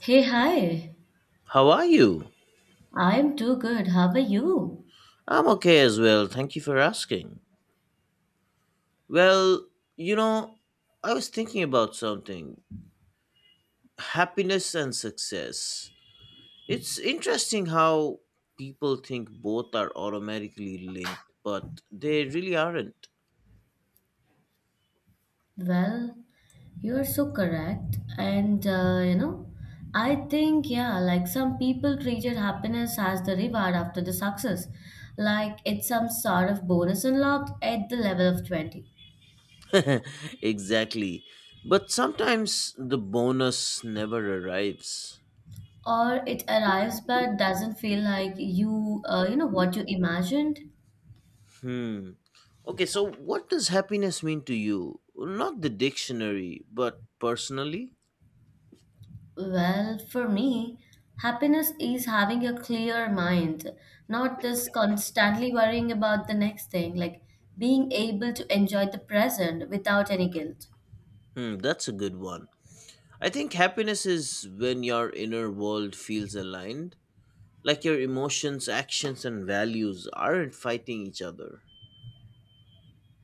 Hey, hi. How are you? I'm too good. How are you? I'm okay as well. Thank you for asking. Well, you know, I was thinking about something. Happiness and success. It's interesting how people think both are automatically linked, but they really aren't. Well, you're so correct. And I think, yeah, like some people treated happiness as the reward after the success. Like it's some sort of bonus unlocked at the level of 20. Exactly. But sometimes the bonus never arrives. Or it arrives but doesn't feel like what you imagined. Hmm. Okay, so what does happiness mean to you? Not the dictionary, but personally? Well, for me, happiness is having a clear mind, not just constantly worrying about the next thing, like being able to enjoy the present without any guilt. Hmm, that's a good one. I think happiness is when your inner world feels aligned, like your emotions, actions, and values aren't fighting each other.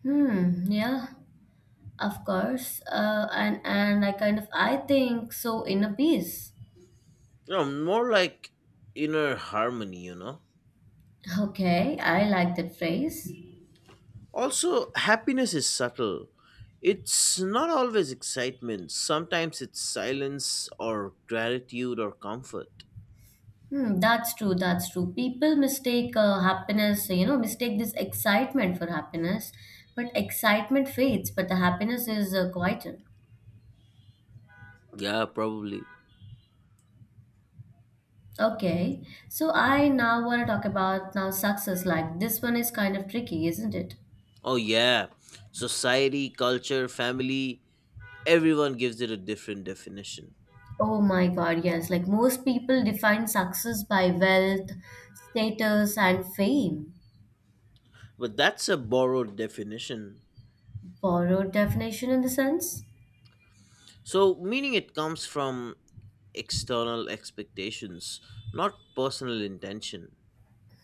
Hmm, yeah, of course. And I kind of I think so in a piece. You know, more like inner harmony? Okay, I like that phrase. Also, happiness is subtle. It's not always excitement, sometimes it's silence or gratitude or comfort. Hmm, that's true, that's true. People mistake this excitement for happiness, but excitement fades, but the happiness is quieter. Yeah, probably. Okay, so I now want to talk about now success. Like this one is kind of tricky, isn't it? Oh, yeah. Society, culture, family, everyone gives it a different definition. Oh my God, yes. Like most people define success by wealth, status, and fame. But that's a borrowed definition. Borrowed definition in the sense? So, meaning it comes from external expectations, not personal intention.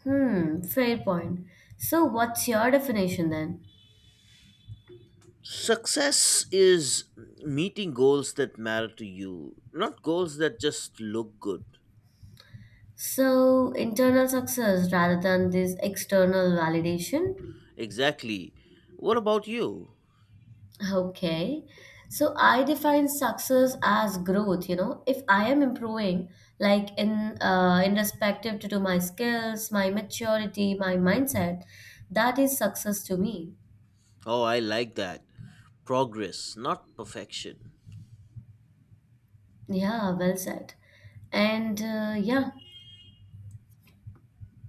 Hmm, fair point. So what's your definition then? Success is meeting goals that matter to you, not goals that just look good. So internal success rather than this external validation? Exactly. What about you? Okay. So I define success as growth. If I am improving, like in respective to my skills, my maturity, my mindset, that is success to me. Oh, I like that. Progress, not perfection. Yeah, well said. And yeah,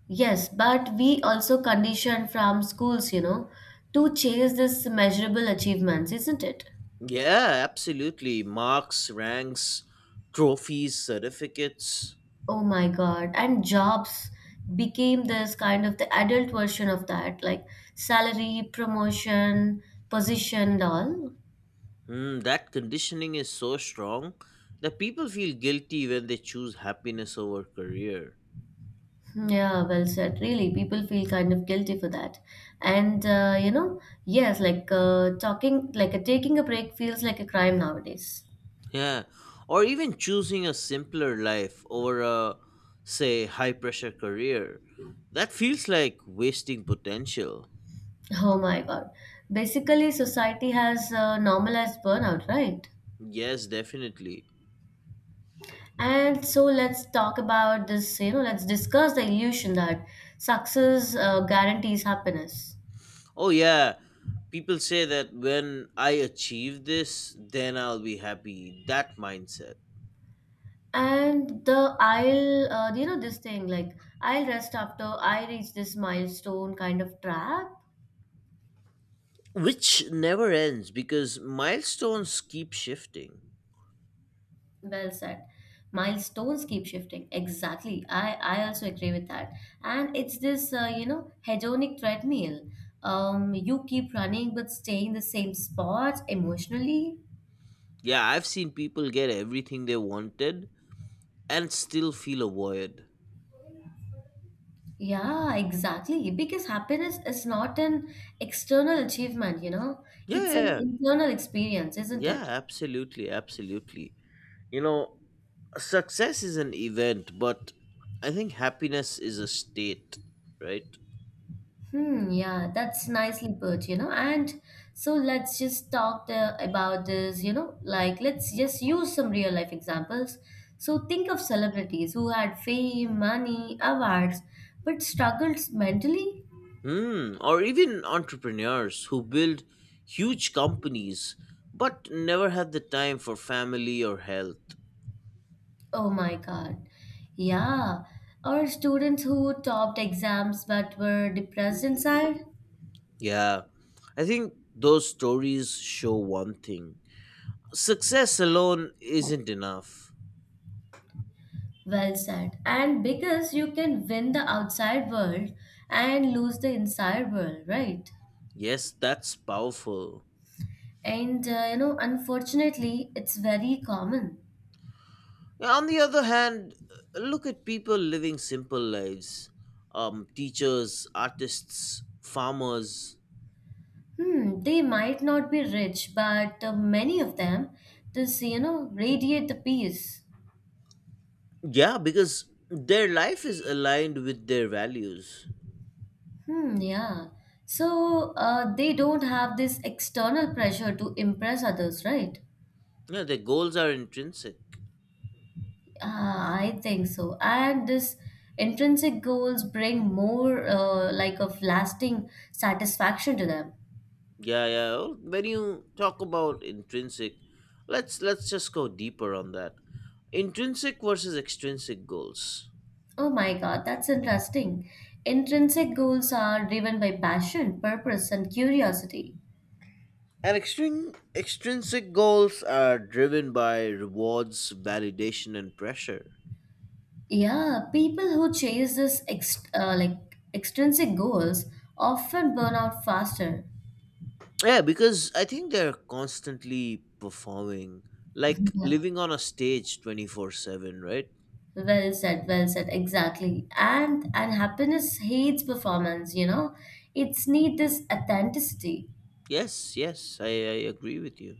yes, but we also condition from schools, to chase this measurable achievements, isn't it? Yeah, absolutely. Marks, ranks, trophies, certificates. Oh my God. And jobs became this kind of the adult version of that, like salary, promotion, position, and all. Hmm, that conditioning is so strong that people feel guilty when they choose happiness over career. Hmm, yeah, well said. Really, people feel kind of guilty for that. And yes, like taking a break feels like a crime nowadays. Yeah, or even choosing a simpler life over a, say, high pressure career. That feels like wasting potential. Oh my God. Basically, society has normalized burnout, right? Yes, definitely. And so let's talk about this. Let's discuss the illusion that success guarantees happiness. Oh, yeah, people say that when I achieve this, then I'll be happy. That mindset. And the I'll, you know, this thing like I'll rest after I reach this milestone kind of trap. Which never ends because milestones keep shifting. Well said. Milestones keep shifting. Exactly. I also agree with that. And it's this hedonic treadmill. You keep running but stay in the same spot emotionally. Yeah, I've seen people get everything they wanted and still feel a void. Yeah, exactly. Because happiness is not an external achievement, Yeah, it's an yeah, internal experience, isn't yeah, it? absolutely, absolutely. You know, success is an event, but I think happiness is a state, right? Hmm, yeah, that's nicely put. And so let's just talk the, about this, you know, like let's just use some real life examples. So think of celebrities who had fame, money, awards, but struggled mentally. Hmm, or even entrepreneurs who build huge companies but never had the time for family or health. Oh my God. Yeah. Or students who topped exams but were depressed inside. Yeah, I think those stories show one thing: success alone isn't enough. Well said. And because you can win the outside world and lose the inside world, right? Yes, that's powerful. Unfortunately, it's very common. Yeah, on the other hand, look at people living simple lives, teachers, artists, farmers. Hmm, they might not be rich, but many of them just radiate the peace. Yeah, because their life is aligned with their values. Hmm, yeah. So they don't have this external pressure to impress others, right? Yeah, their goals are intrinsic. Ah, I think so. And this intrinsic goals bring more like of lasting satisfaction to them. Yeah, yeah. Well, when you talk about intrinsic, let's just go deeper on that. Intrinsic versus extrinsic goals. Oh my God, that's interesting. Intrinsic goals are driven by passion, purpose, and curiosity. And extrinsic goals are driven by rewards, validation, and pressure. Yeah, people who chase this ex like extrinsic goals often burn out faster. Yeah, because I think they're constantly performing, like Yeah. living on a stage 24/7, right? Well said, exactly. And happiness hates performance. It's need this authenticity. Yes, yes, I agree with you.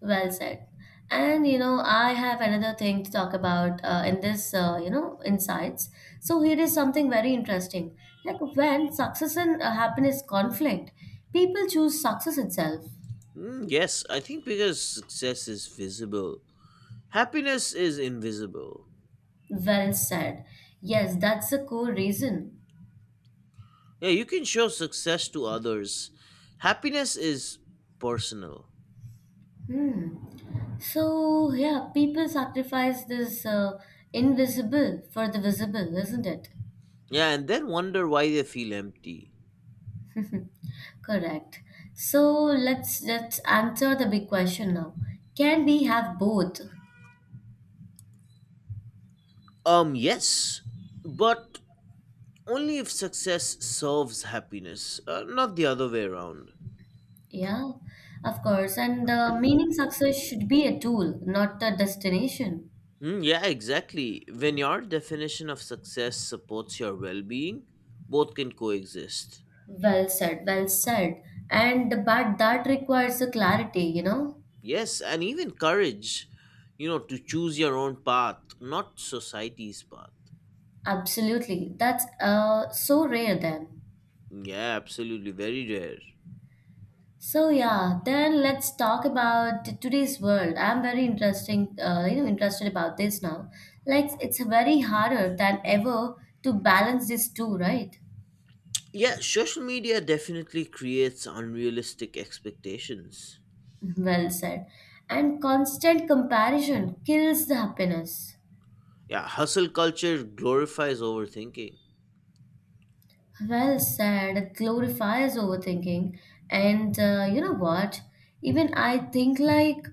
Well said. And I have another thing to talk about in this insights. So here is something very interesting. Like when success and happiness conflict, people choose success itself. Mm, yes, I think because success is visible, happiness is invisible. Well said. Yes, that's the core reason. Yeah, you can show success to others, happiness is personal. Hmm. So yeah, people sacrifice this invisible for the visible, isn't it? Yeah, and then wonder why they feel empty. Correct. So let's answer the big question now. Can we have both? Yes, but only if success serves happiness, not the other way around. Yeah, of course. And the meaning success should be a tool, not a destination. Mm, yeah, exactly. When your definition of success supports your well being, both can coexist. Well said, well said. And but that requires a clarity, you know? Yes, and even courage, you know, to choose your own path, not society's path. Absolutely. That's so rare then. Yeah, absolutely. Very rare. So yeah, then let's talk about today's world. I'm very interested about this now. Like it's very harder than ever to balance these two, right? Yeah, social media definitely creates unrealistic expectations. Well said. And constant comparison kills the happiness. Yeah, hustle culture glorifies overthinking. Well said. It glorifies overthinking. And you know what? Even I think like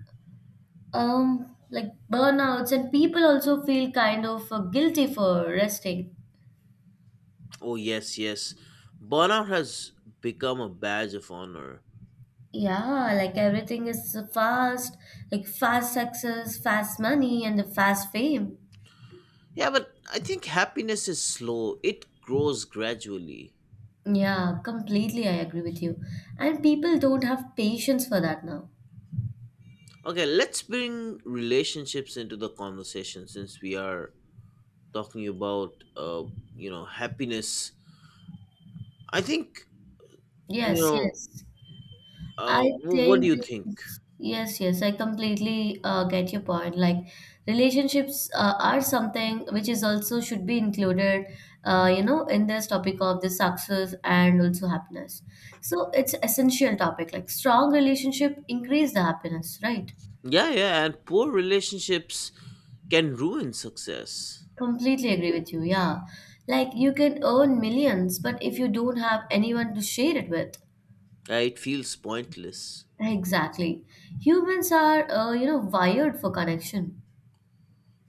um like burnouts and people also feel kind of guilty for resting. Oh, yes, yes. Burnout has become a badge of honor. Yeah, like everything is fast, like fast success, fast money, and the fast fame. Yeah, but I think happiness is slow, it grows gradually. Yeah, completely I agree with you. And people don't have patience for that now. Okay, let's bring relationships into the conversation since we are talking about, you know, happiness. I think, you Yes, know, yes. I what do think you this think? is, yes, yes, I completely get your point. Like relationships are something which is also should be included, in this topic of the success and also happiness. So it's essential topic. Like strong relationship increase the happiness, right? Yeah, yeah, and poor relationships can ruin success. Completely agree with you. Yeah, like you can earn millions, but if you don't have anyone to share it with, Yeah, it feels pointless. exactly. Humans are, wired for connection.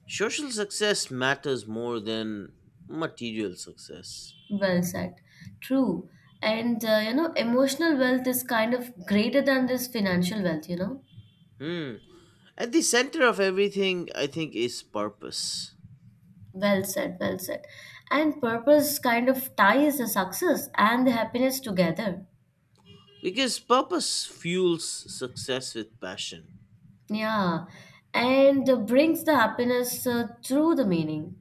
Social success matters more than material success. Well said. True. Emotional wealth is kind of greater than this financial wealth. Hmm. At the center of everything, I think, is purpose. Well said, well said. And purpose kind of ties the success and the happiness together. Because purpose fuels success with passion. Yeah. And brings the happiness through the meaning.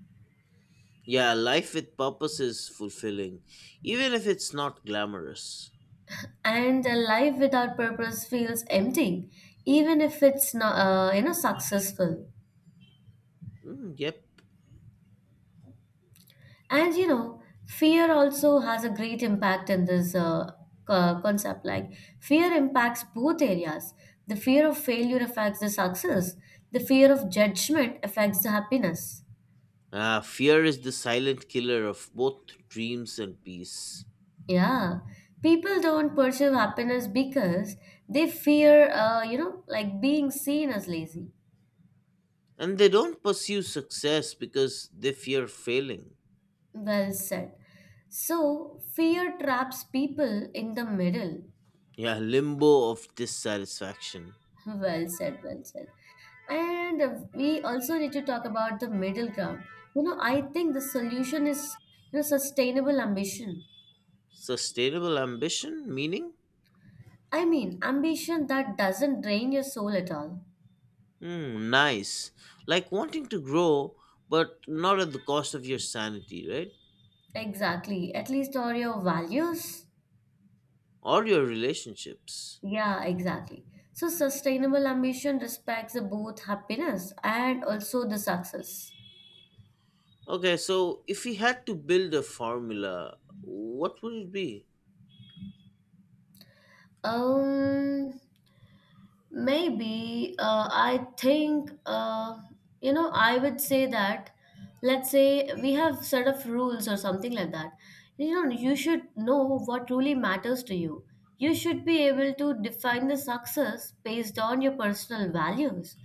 Yeah, life with purpose is fulfilling, even if it's not glamorous. And a life without purpose feels empty, even if it's not successful. Hmm, yep. And fear also has a great impact in this concept. Like, fear impacts both areas. The fear of failure affects the success, the fear of judgment affects the happiness. Ah, fear is the silent killer of both dreams and peace. Yeah. People don't pursue happiness because they fear, like being seen as lazy. And they don't pursue success because they fear failing. Well said. So, fear traps people in the middle. Yeah, limbo of dissatisfaction. Well said, well said. And we also need to talk about the middle ground. I think the solution is sustainable ambition. Sustainable ambition? Meaning? I mean, ambition that doesn't drain your soul at all. Hmm, nice. Like wanting to grow, but not at the cost of your sanity, right? Exactly. At least or your values. Or your relationships. Yeah, exactly. So sustainable ambition respects both happiness and also the success. Okay, so if we had to build a formula, what would it be? Um, Maybe I think I would say that let's say we have set of rules or something like that. You know, you should know what really matters to you. You should be able to define the success based on your personal values,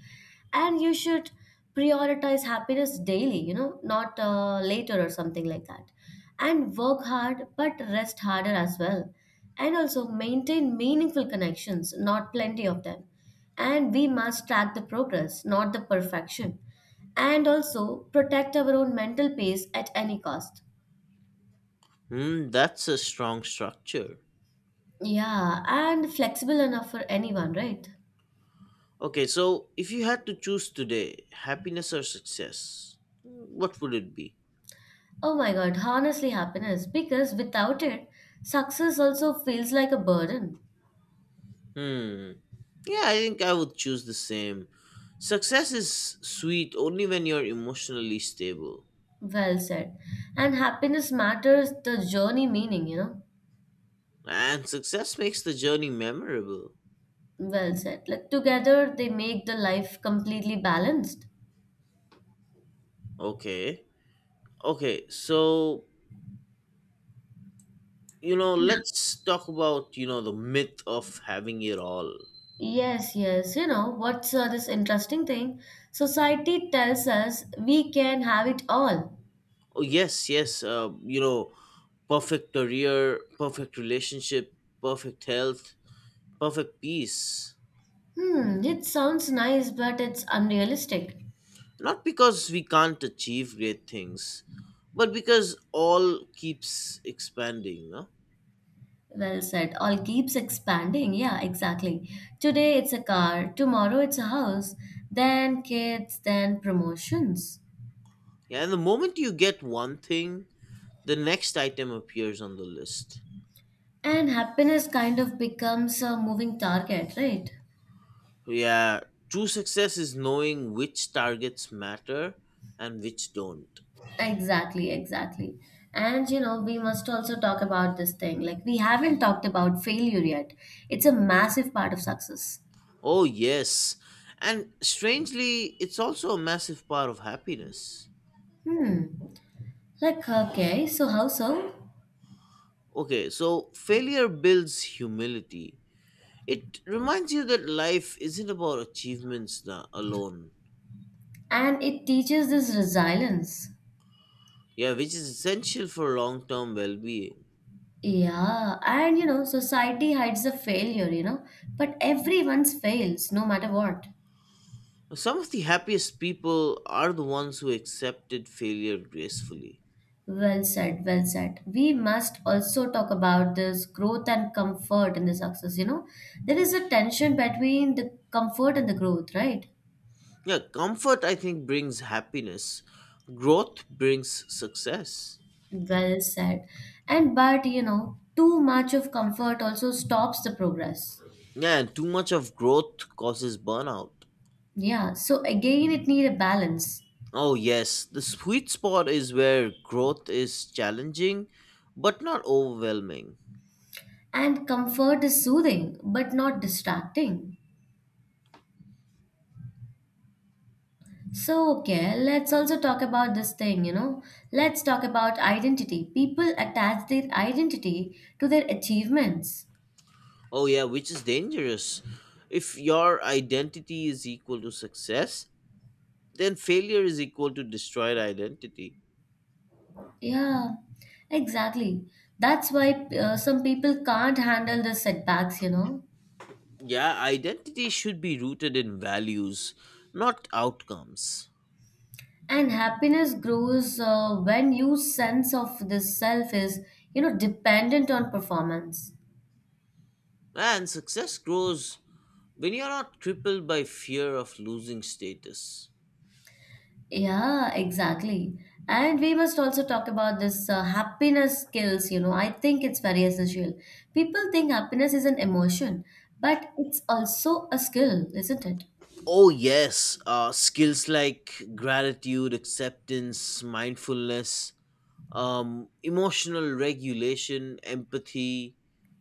and you should prioritize happiness daily, not later or something like that, and work hard but rest harder as well, and also maintain meaningful connections not plenty of them, and we must track the progress not the perfection, and also protect our own mental peace at any cost. Hmm, that's a strong structure. Yeah, and flexible enough for anyone, right? Okay, so if you had to choose today, happiness or success, what would it be? Oh my God, honestly, happiness. Because without it, success also feels like a burden. Hmm. Yeah, I think I would choose the same. Success is sweet only when you're emotionally stable. Well said. And happiness matters the journey meaning. And success makes the journey memorable. Well said. Like together they make the life completely balanced. Okay. Okay, so, you know, let's talk about, you know, the myth of having it all. Yes, yes. What's this interesting thing? Society tells us we can have it all. Oh, yes, yes. You know, perfect career, perfect relationship, perfect health, perfect peace. Hmm, it sounds nice, but it's unrealistic. Not because we can't achieve great things, but because all keeps expanding, no? Well said. All keeps expanding. Yeah, exactly. Today it's a car, tomorrow it's a house, then kids, then promotions. Yeah, and the moment you get one thing, the next item appears on the list. And happiness kind of becomes a moving target, right? Yeah, true success is knowing which targets matter and which don't. Exactly, exactly. And we must also talk about this thing. Like, we haven't talked about failure yet. It's a massive part of success. Oh, yes. And strangely, it's also a massive part of happiness. Hmm. Like, okay, so how so? Okay, so failure builds humility. It reminds you that life isn't about alone. And it teaches this resilience. Yeah, which is essential for long term well being. Yeah, and society hides the failure, but everyone's fails no matter what. Some of the happiest people are the ones who accepted failure gracefully. Well said, well said. We must also talk about this growth and comfort in the success. There is a tension between the comfort and the growth, right? Yeah, comfort, I think, brings happiness, growth brings success. Well said. And but too much of comfort also stops the progress. Yeah, and too much of growth causes burnout. Yeah, so again, it need a balance. Oh, yes, the sweet spot is where growth is challenging but not overwhelming. And comfort is soothing, but not distracting. So, okay, let's also talk about this thing. Let's talk about identity. People attach their identity to their achievements. Oh, yeah, which is dangerous. If your identity is equal to success, then failure is equal to destroyed identity. Yeah, exactly. That's why some people can't handle the setbacks. Yeah, identity should be rooted in values, not outcomes. And happiness grows when your sense of this self is, dependent on performance. And success grows when you're not crippled by fear of losing status. Yeah, exactly. And we must also talk about this happiness skills. I think it's very essential. People think happiness is an emotion, but it's also a skill, isn't it? Oh, yes, skills like gratitude, acceptance, mindfulness, emotional regulation, empathy,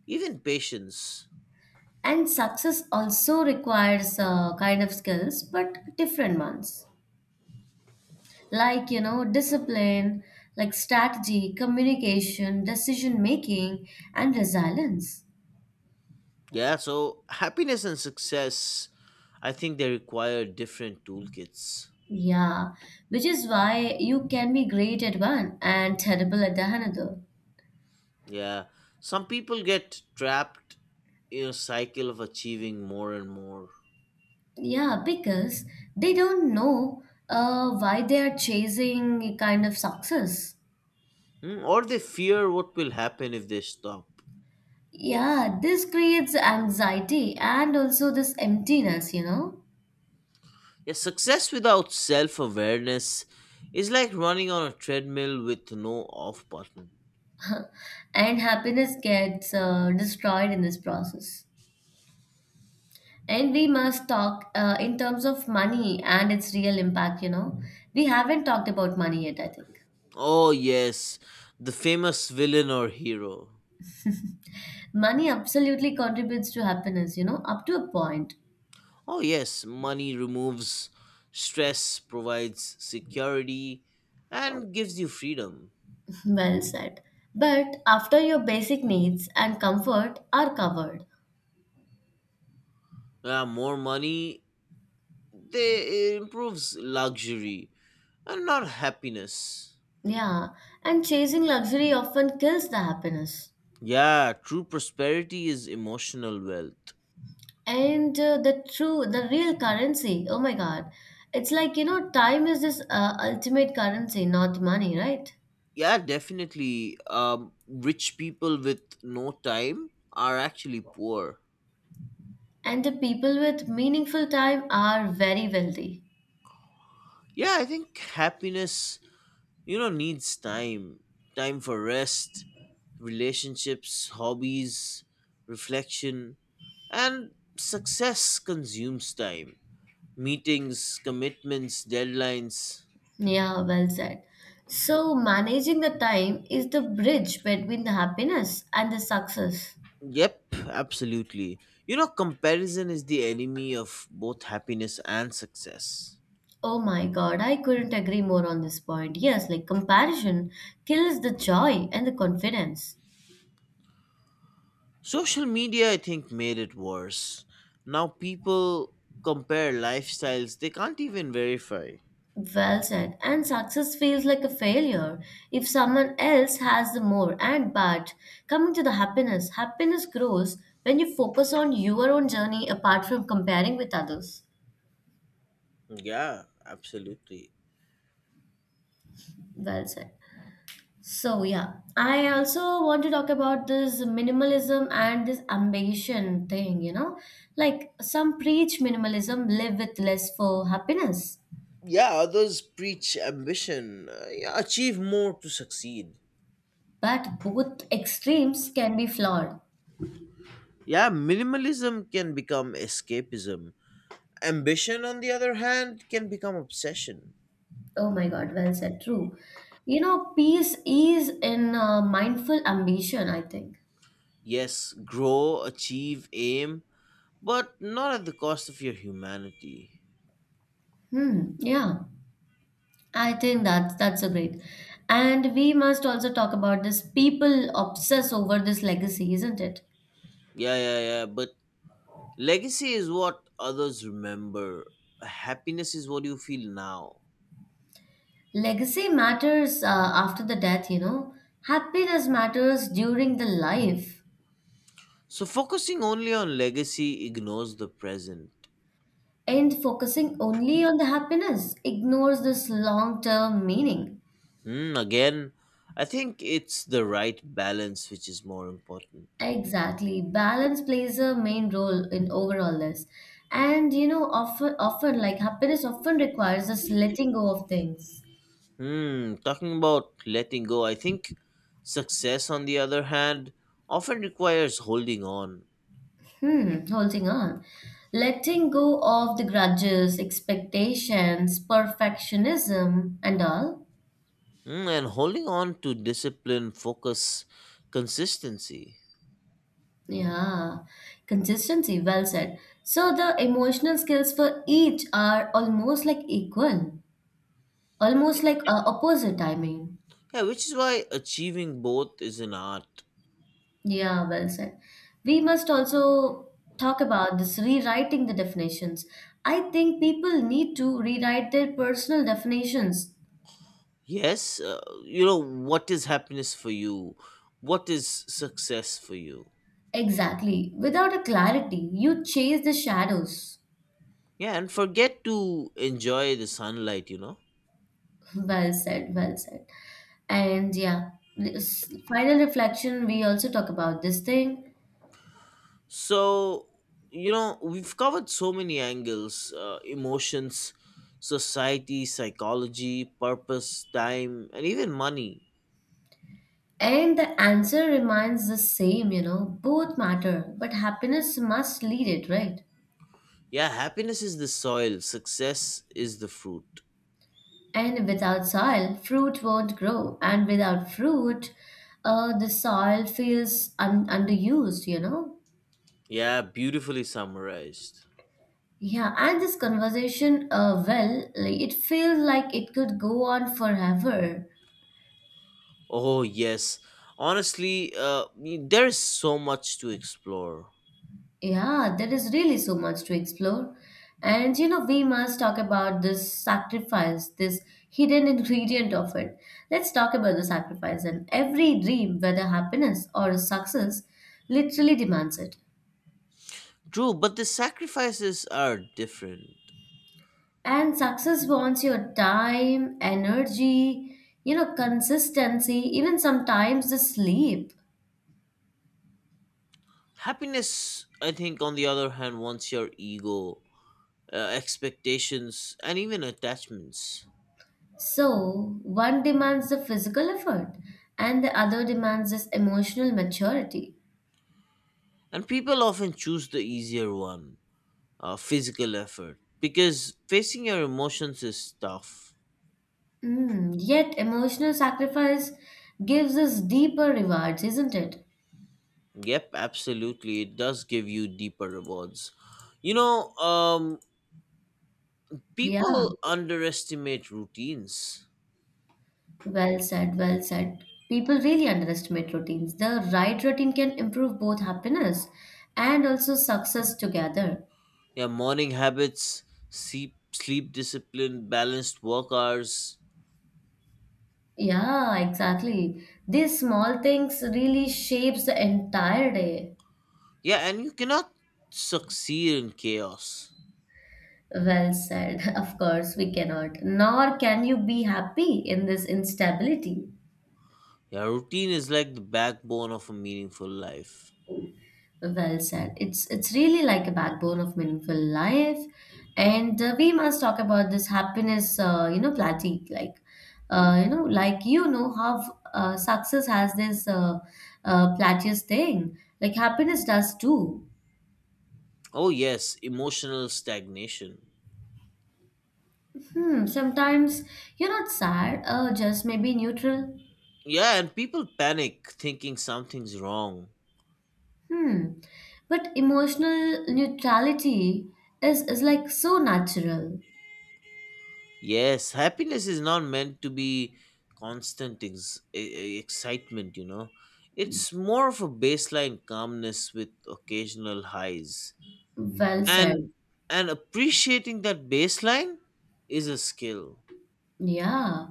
even patience. And success also requires kind of skills, but different ones. Like, discipline, like strategy, communication, decision making, and resilience. Yeah, so happiness and success, I think they require different toolkits. Yeah, which is why you can be great at one and terrible at the another. Yeah, some people get trapped in a cycle of achieving more and more. Yeah, because they don't know why they are chasing kind of success. Hmm, or they fear what will happen if they stop. Yeah, this creates anxiety and also this emptiness, Yeah, success without self awareness is like running on a treadmill with no off button. and happiness gets destroyed in this process. And we must talk in terms of money and its real impact. We haven't talked about money yet, I think. Oh, yes, the famous villain or hero. Money absolutely contributes to happiness, up to a point. Oh, yes, money removes stress, provides security, and gives you freedom. Well said. But after your basic needs and comfort are covered, Yeah, more money, they, it improves luxury and not happiness. yeah, and chasing luxury often kills the happiness. Yeah, true prosperity is emotional wealth. And The true, the real currency, oh my God, it's like, you know, time is this ultimate currency, not money, right? Yeah, definitely. Rich people with no time are actually poor. And the people with meaningful time are very wealthy. Yeah, I think happiness, you know, needs time, time for rest, relationships, hobbies, reflection, and success consumes time. Meetings, commitments, deadlines. Yeah, well said. So managing the time is the bridge between the happiness and the success. Yep, absolutely. You know, comparison is the enemy of both happiness and success. Oh my God, I couldn't agree more on this point. Yes, like comparison kills the joy and the confidence. Social media, I think, made it worse. Now people compare lifestyles they can't even verify. Well said. And success feels like a failure if someone else has the more. And but coming to the happiness, happiness grows when you focus on your own journey apart from comparing with others. Yeah, absolutely. Well said. So, yeah, I also want to talk about this minimalism and this ambition thing, you know? Like, some preach minimalism, live with less for happiness, Yeah, others preach ambition, yeah, achieve more to succeed. but both extremes can be flawed. Yeah, minimalism can become escapism. Ambition, on the other hand, can become obsession. Oh my God, well said, true. You know, peace is in mindful ambition, I think. Yes, grow, achieve, aim, but not at the cost of your humanity. Hmm, yeah, I think that's a great. And we must also talk about this people obsess over this legacy, isn't it? Yeah, yeah, yeah. But legacy is what others remember. Happiness is what you feel now. Legacy matters after the death, you know. Happiness matters during the life. So focusing only on legacy ignores the present. And focusing only on the happiness ignores this long term meaning. Hmm, again, I think it's the right balance which is more important. Exactly. Balance plays a main role in overall this. And you know, often like happiness often requires us letting go of things. Hmm, talking about letting go, I think success, on the other hand, often requires holding on. Hmm, holding on. Letting go of the grudges, expectations, perfectionism, and all. Hmm, and holding on to discipline, focus, consistency. Yeah, consistency, well said. So the emotional skills for each are almost like equal, almost like opposite, I mean. Yeah, which is why achieving both is an art. Yeah, well said. We must also talk about this rewriting the definitions. I think people need to rewrite their personal definitions. Yes, you know, what is happiness for you? What is success for you? Exactly. Without a clarity, you chase the shadows. Yeah, and forget to enjoy the sunlight, you know? Well said, well said. And yeah, this final reflection, we also talk about this thing. So, you know, we've covered so many angles, emotions, society, psychology, purpose, time, and even money. And the answer remains the same, you know, both matter, but happiness must lead it, right? Yeah, happiness is the soil, success is the fruit. And without soil, fruit won't grow, and without fruit, the soil feels underused, you know? Yeah, beautifully summarized. Yeah, and this conversation, well, like, it feels like it could go on forever. Oh, yes. Honestly, there is so much to explore. Yeah, there is really so much to explore. And you know, we must talk about this sacrifice, this hidden ingredient of it. Let's talk about the sacrifice. And every dream, whether happiness or success, literally demands it. True, but the sacrifices are different. And success wants your time, energy, you know, consistency, even sometimes the sleep. Happiness, I think, on the other hand, wants your ego, expectations, and even attachments. So, one demands the physical effort, and the other demands this emotional maturity. And people often choose the easier one, physical effort, because facing your emotions is tough. Mm, yet emotional sacrifice gives us deeper rewards, isn't it? Yep, absolutely. It does give you deeper rewards. You know, Yeah, people underestimate routines. well said, well said. People really underestimate routines. The right routine can improve both happiness and also success together. Yeah, morning habits, sleep, sleep discipline, balanced work hours. Yeah, exactly. These small things really shapes the entire day. Yeah, and you cannot succeed in chaos. Well said. Of course, we cannot. Nor can you be happy in this instability. Yeah, routine is like the backbone of a meaningful life. Well said. It's really like a backbone of meaningful life, and we must talk about this happiness. You know, platique like, you know, like you know how success has this plateaus thing. Like happiness does too. Oh, yes, emotional stagnation. Hmm. Sometimes you're not sad, just maybe neutral. Yeah, and people panic thinking something's wrong. Hmm. But emotional neutrality is like so natural. Yes, happiness is not meant to be constant excitement, you know. It's more of a baseline calmness with occasional highs. Well said. And and appreciating that baseline is a skill. Yeah.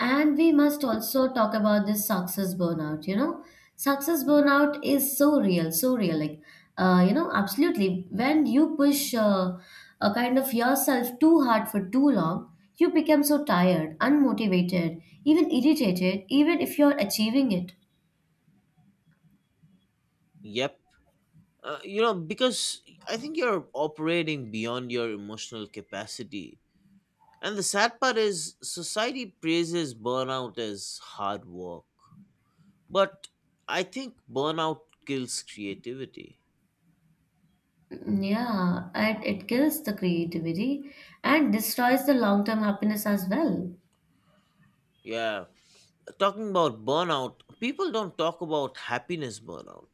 And we must also talk about this success burnout, you know. Success burnout is so real, so real. Like, you know, absolutely. When you push a kind of yourself too hard for too long, you become so tired, unmotivated, even irritated, even if you're achieving it. Yep. You know, because I think you're operating beyond your emotional capacity. And the sad part is society praises burnout as hard work. But I think burnout kills creativity. Mm, yeah, and it kills the creativity and destroys the long-term happiness as well. Yeah, talking about burnout, people don't talk about happiness burnout.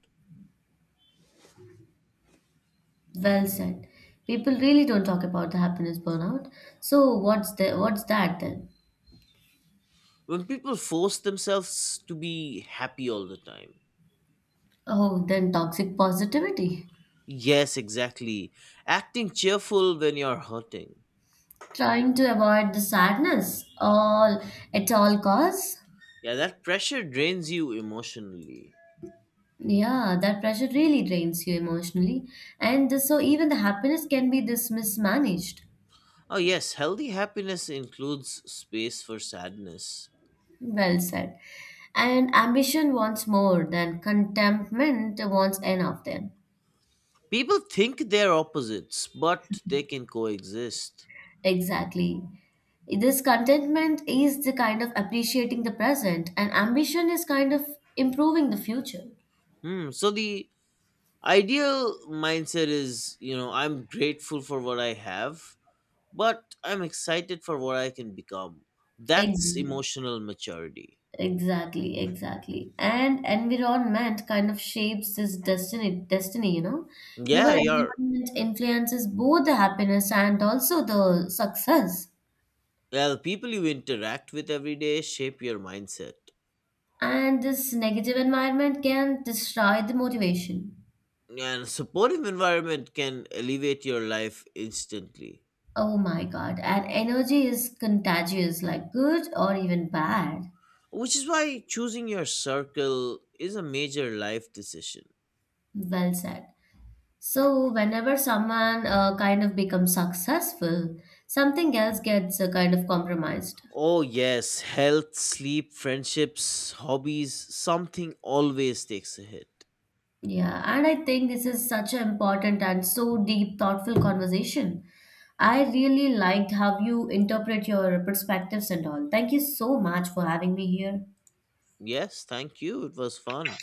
Well said. People really don't talk about the happiness burnout. So what's that then? When people force themselves to be happy all the time. Oh, then toxic positivity. Yes, exactly. Acting cheerful when you're hurting. Trying to avoid the sadness all at all costs. Yeah, that pressure drains you emotionally. Yeah, that pressure really drains you emotionally. And so even the happiness can be this mismanaged. Oh, yes, healthy happiness includes space for sadness. Well said. And ambition wants more than contentment wants enough then. People think they're opposites, but they can coexist. Exactly. This contentment is the kind of appreciating the present, and ambition is kind of improving the future. Hmm, so the ideal mindset is, you know, I'm grateful for what I have but I'm excited for what I can become. That's Ex- emotional maturity. Exactly, exactly. And environment kind of shapes this destiny, you know. Your Yeah, your environment influences both the happiness and also the success. well, people you interact with every day shape your mindset. And this negative environment can destroy the motivation. And a supportive environment can elevate your life instantly. Oh my God. And energy is contagious, like good or even bad. Which is why choosing your circle is a major life decision. Well said. So, whenever someone kind of becomes successful, something else gets kind of compromised. Oh yes, health, sleep, friendships, hobbies, something always takes a hit. Yeah, and I think this is such an important and so deep, thoughtful conversation. I really liked how you interpret your perspectives and all. Thank you so much for having me here. Yes, thank you. It was fun.